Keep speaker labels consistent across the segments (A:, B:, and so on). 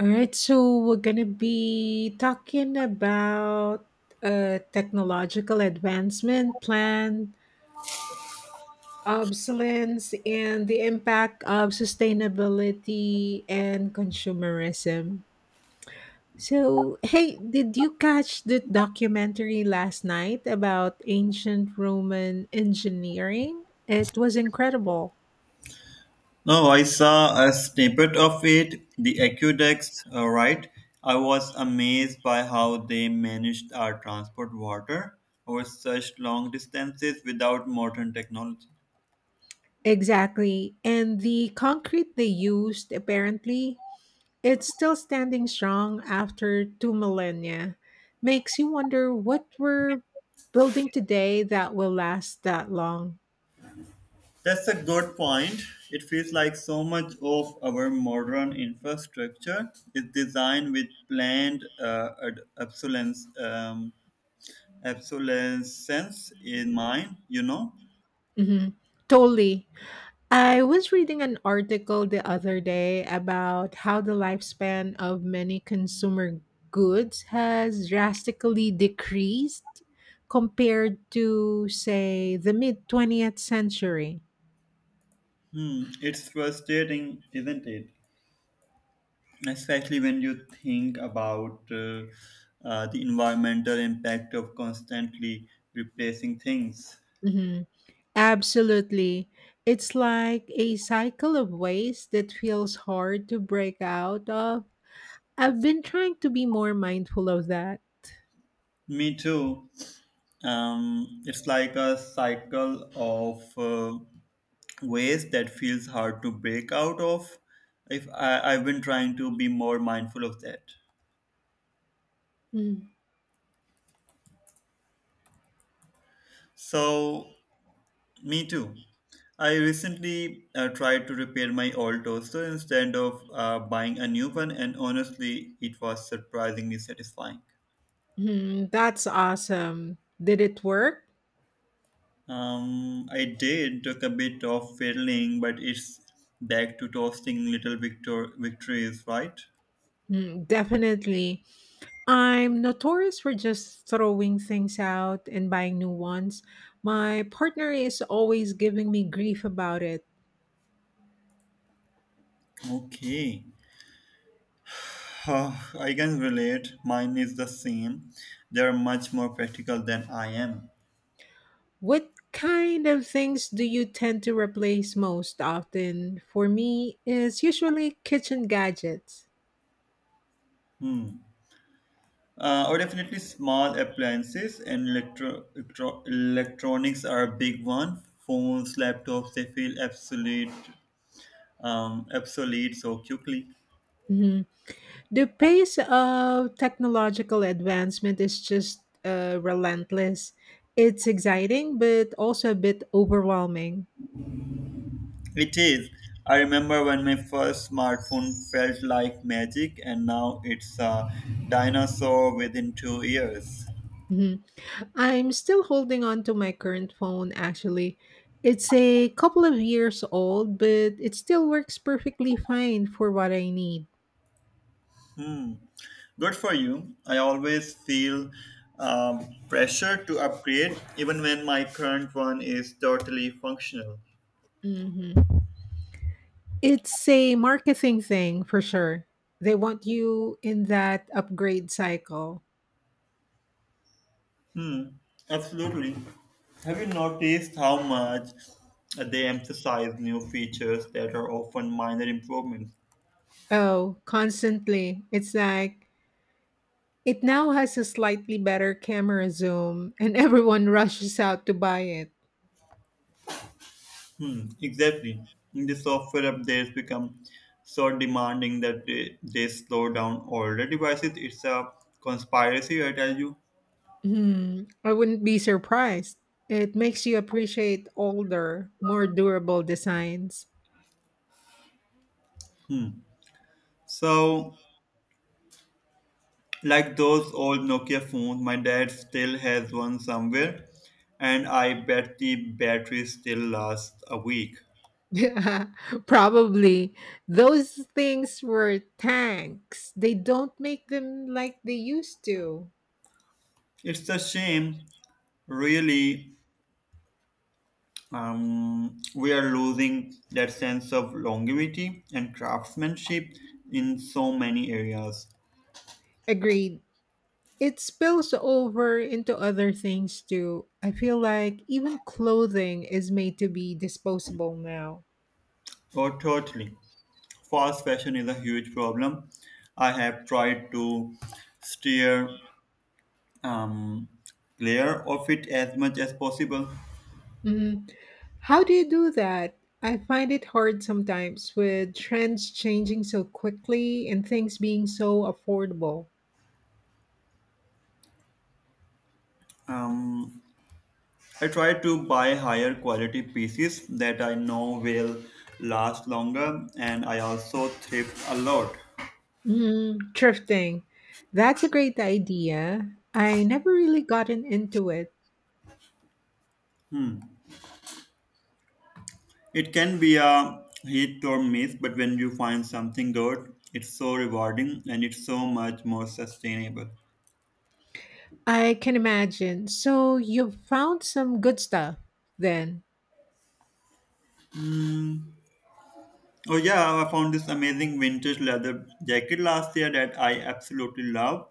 A: All right, so we're going to be talking about technological advancement, planned obsolescence, and the impact of sustainability and consumerism. So, hey, did you catch the documentary last night about ancient Roman engineering? It was incredible.
B: No, I saw a snippet of it, the aqueducts, right? I was amazed by how they managed our transport water over such long distances without modern technology.
A: Exactly. And the concrete they used apparently it's still standing strong after two millennia. Makes you wonder what we're building today that will last that long.
B: That's a good point. It feels like so much of our modern infrastructure is designed with planned obsolescence, obsolescence in mind,
A: Hmm. Totally. I was reading an article the other day about how the lifespan of many consumer goods has drastically decreased compared to, say, the mid 20th century.
B: Hmm, it's frustrating, isn't it? Especially when you think about the environmental impact of constantly replacing things.
A: Mhm. Absolutely. It's like a cycle of waste that feels hard to break out of. I've been trying to be more mindful of that.
B: Me too. It's like a cycle of ways that feels hard to break out of. If I, I've been trying to be more mindful of that.
A: Mhm.
B: So Me too. I recently tried to repair my old toaster instead of buying a new one, and honestly, it was surprisingly satisfying.
A: That's awesome. Did it work?
B: I did took a bit of fiddling, but it's back to toasting little victories, right?
A: Mm, definitely. I'm notorious for just throwing things out and buying new ones. My partner is always giving me grief about it.
B: Okay. Ah, I can relate. Mine is the same. They are much more practical than I am.
A: What kind of things do you tend to replace most often? For me, it's usually kitchen gadgets.
B: Or definitely small appliances and electronics are a big one. Phones, laptops, they feel obsolete so quickly.
A: Mhm. The pace of technological advancement is just relentless. It's exciting, but also a bit overwhelming.
B: It is. I remember when my first smartphone felt like magic, and now it's a dinosaur within 2 years.
A: Mhm. I'm still holding on to my current phone, actually. It's a couple of years old, but it still works perfectly fine for what I need.
B: Hmm. Good for you. I always feel pressure to upgrade, even when my current one is totally functional.
A: Mhm. It's a marketing thing for sure. They want you in that upgrade cycle.
B: Hmm, absolutely. Have you noticed how much they emphasize new features that are often minor improvements?
A: Oh, constantly. It's like it now has a slightly better camera zoom and everyone rushes out to buy it.
B: Hmm, exactly. The software updates become so demanding that they slow down older devices. It's a conspiracy, I tell you.
A: Hmm, I wouldn't be surprised. It makes you appreciate older, more durable designs.
B: Hmm. So, like those old Nokia phones, my dad still has one somewhere, and I bet the battery still lasts a week.
A: Yeah, probably. Those things were tanks. They don't make them like they used to.
B: It's a shame, really, we are losing that sense of longevity and craftsmanship in so many areas.
A: Agreed. It spills over into other things too. I feel like even clothing is made to be disposable now.
B: Oh, totally, fast fashion is a huge problem. I have tried to steer um, clear of it as much as possible.
A: Mhm. How do you do that? I find it hard sometimes with trends changing so quickly and things being so affordable.
B: Um, I try to buy higher quality pieces that I know will last longer, and I also thrift a lot.
A: Mm, thrifting. That's a great idea. I never really gotten into it.
B: It can be a hit or miss, but when you find something good, it's so rewarding and it's so much more sustainable.
A: I can imagine. So you've found some good stuff then.
B: Mm. Oh yeah, I found this amazing vintage leather jacket last year that I absolutely love.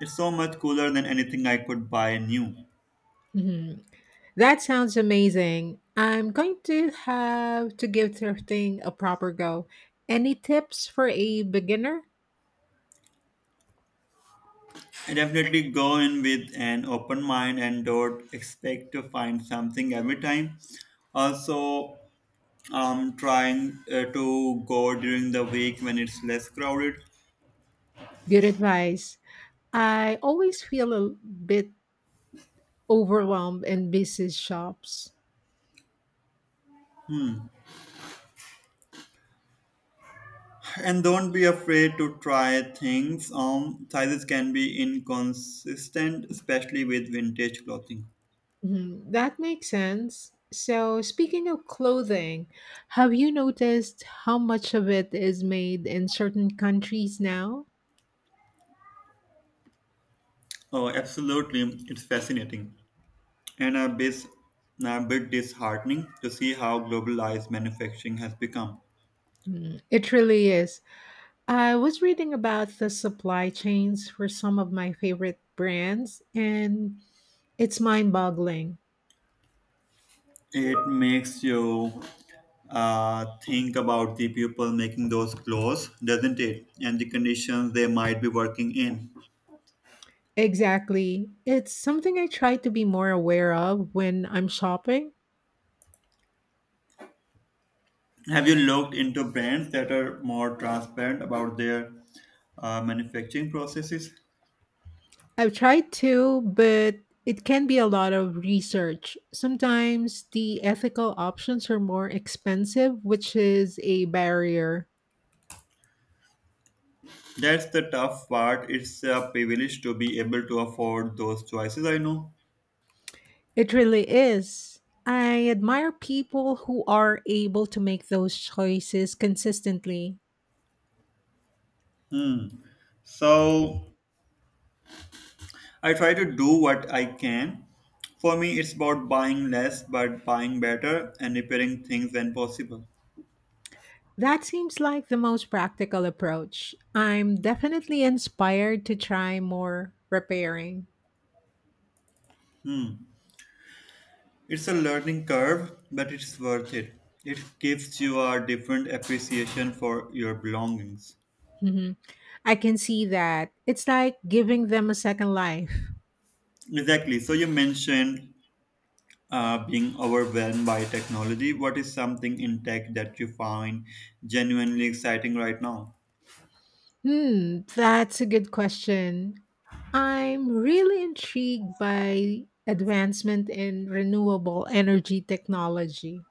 B: It's so much cooler than anything I could buy new.
A: Hmm. That sounds amazing. I'm going to have to give thrifting a proper go. Any tips for a beginner?
B: I definitely go in with an open mind and don't expect to find something every time. Also, I'm trying to go during the week when it's less crowded.
A: Good advice. I always feel a bit overwhelmed in busy shops.
B: And don't be afraid to try things. Sizes can be inconsistent, especially with vintage clothing.
A: Mhm, that makes sense. So, speaking of clothing, have you noticed how much of it is made in certain countries now?
B: Oh, absolutely. It's fascinating and a bit disheartening to see how globalized manufacturing has become.
A: Mm, it really is. I was reading about the supply chains for some of my favorite brands, and it's mind boggling.
B: It makes you think about the people making those clothes, doesn't it? And the conditions they might be working in.
A: Exactly. It's something I try to be more aware of when I'm shopping.
B: Have you looked into brands that are more transparent about their manufacturing processes?
A: I've tried to, but it can be a lot of research. Sometimes the ethical options are more expensive, which is a barrier.
B: That's the tough part. It's a privilege to be able to afford those choices, I know.
A: It really is. I admire people who are able to make those choices consistently.
B: So I try to do what I can. For me, it's about buying less but buying better and repairing things when possible.
A: That seems like the most practical approach. I'm definitely inspired to try more repairing.
B: It's a learning curve, but it's worth it. It gives you a different appreciation for your belongings.
A: Mhm. I can see that. It's like giving them a second life.
B: Exactly. So you mentioned being overwhelmed by technology? What is something in tech that you find genuinely exciting right now?
A: Hmm, that's a good question. I'm really intrigued by advancement in renewable energy technology.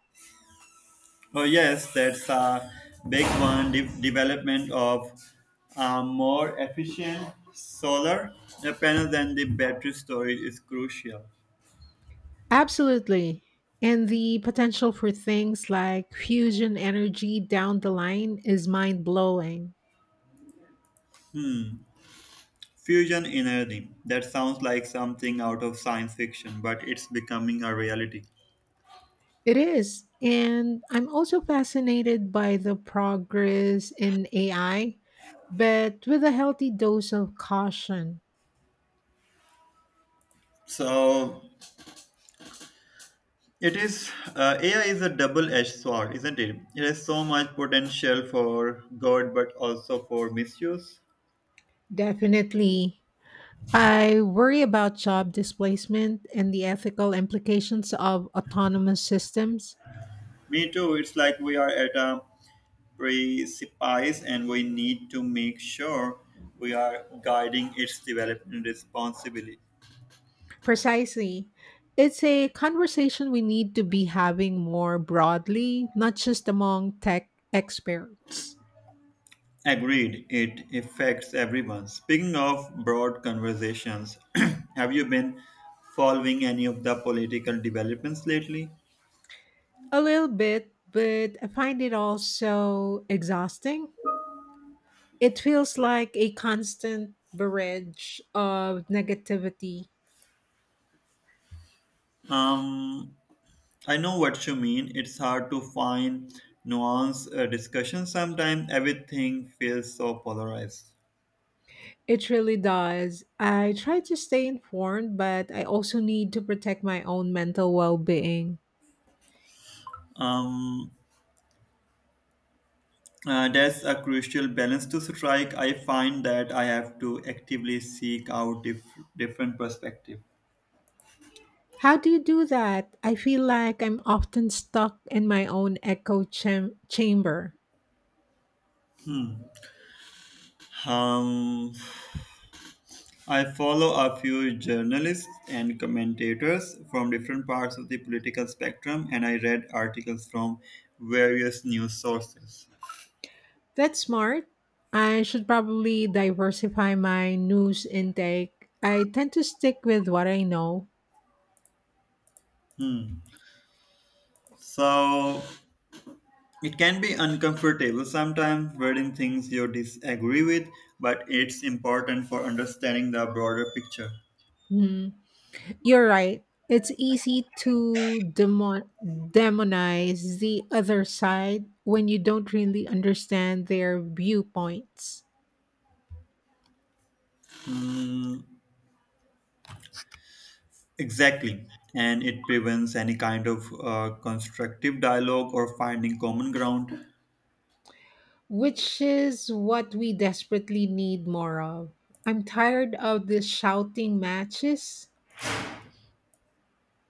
B: Oh, yes, that's a big one. Development of more efficient solar panels and the battery storage is crucial.
A: Absolutely. And the potential for things like fusion energy down the line is mind blowing.
B: Fusion energy. That sounds like something out of science fiction, but it's becoming a reality.
A: It is. And I'm also fascinated by the progress in AI, but with a healthy dose of caution.
B: So It is AI is a double-edged sword, isn't it? It has so much potential for good, but also for misuse.
A: Definitely. I worry about job displacement and the ethical implications of autonomous systems.
B: Me too. It's like we are at a precipice, and we need to make sure we are guiding its development responsibly.
A: Precisely. It's a conversation we need to be having more broadly, not just among tech experts.
B: Agreed. It affects everyone. Speaking of broad conversations, have you been following any of the political developments lately?
A: A little bit, but I find it also exhausting. It feels like a constant barrage of negativity.
B: Um, I know what you mean. It's hard to find nuanced discussion sometimes. Everything feels so polarized.
A: It really does. I try to stay informed, but I also need to protect my own mental well being.
B: Um, that's a crucial balance to strike. I find that I have to actively seek out different perspective.
A: How do you do that? I feel like I'm often stuck in my own echo chamber.
B: Um, I follow a few journalists and commentators from different parts of the political spectrum, and I read articles from various news sources.
A: That's smart. I should probably diversify my news intake. I tend to stick with what I know.
B: So It can be uncomfortable sometimes reading things you disagree with, but it's important for understanding the broader picture.
A: Hmm. You're right. It's easy to demonize the other side when you don't really understand their viewpoints,
B: Hmm, exactly. And it prevents any kind of constructive dialogue or finding common ground.
A: which is what we desperately need more of. I'm tired of these shouting matches.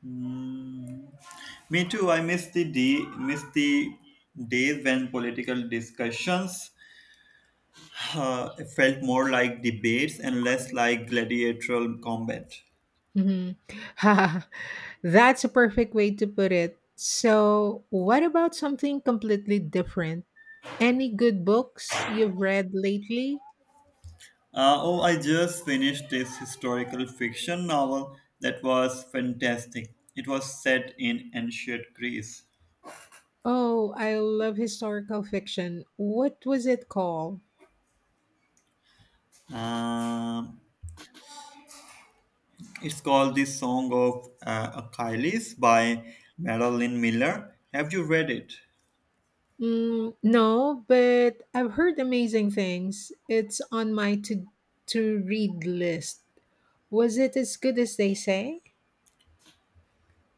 B: Hmm, me too. I miss the day, Miss the days when political discussions uh, felt more like debates and less like gladiatorial combat.
A: Mhm. That's a perfect way to put it. So, what about something completely different? Any good books you've read lately?
B: Oh, I just finished this historical fiction novel that was fantastic. It was set in ancient Greece.
A: Oh, I love historical fiction. What was it called?
B: Um, it's called The Song of Achilles by Madeline Miller. Have you read it?
A: Mm, no, but I've heard amazing things. It's on my to read list. Was it as good as they say?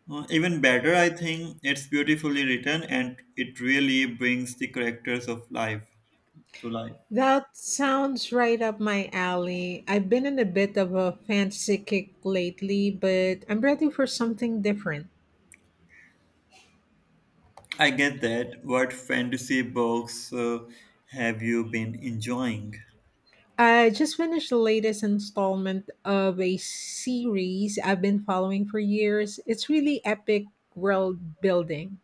B: Even better, I think. It's beautifully written and it really brings the characters of life to life.
A: That sounds right up my alley. I've been in a bit of a fancy kick lately, but I'm ready for something different.
B: I get that. What fantasy books have you been enjoying?
A: I just finished the latest installment of a series I've been following for years. It's really epic world building.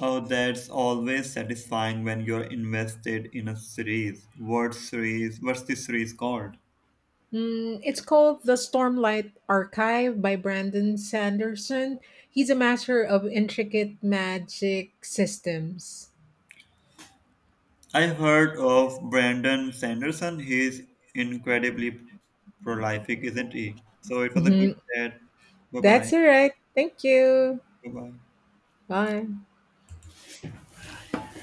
B: Oh, that's always satisfying when you're invested in a series. What's this series called?
A: Mm, it's called The Stormlight Archive by Brandon Sanderson. He's a master of intricate magic systems.
B: I heard of Brandon Sanderson. He's incredibly prolific, isn't he? So it was a good
A: Mhm.
B: chat. Bye
A: That's
B: bye.
A: it, right? Thank you.
B: Bye bye.
A: Bye.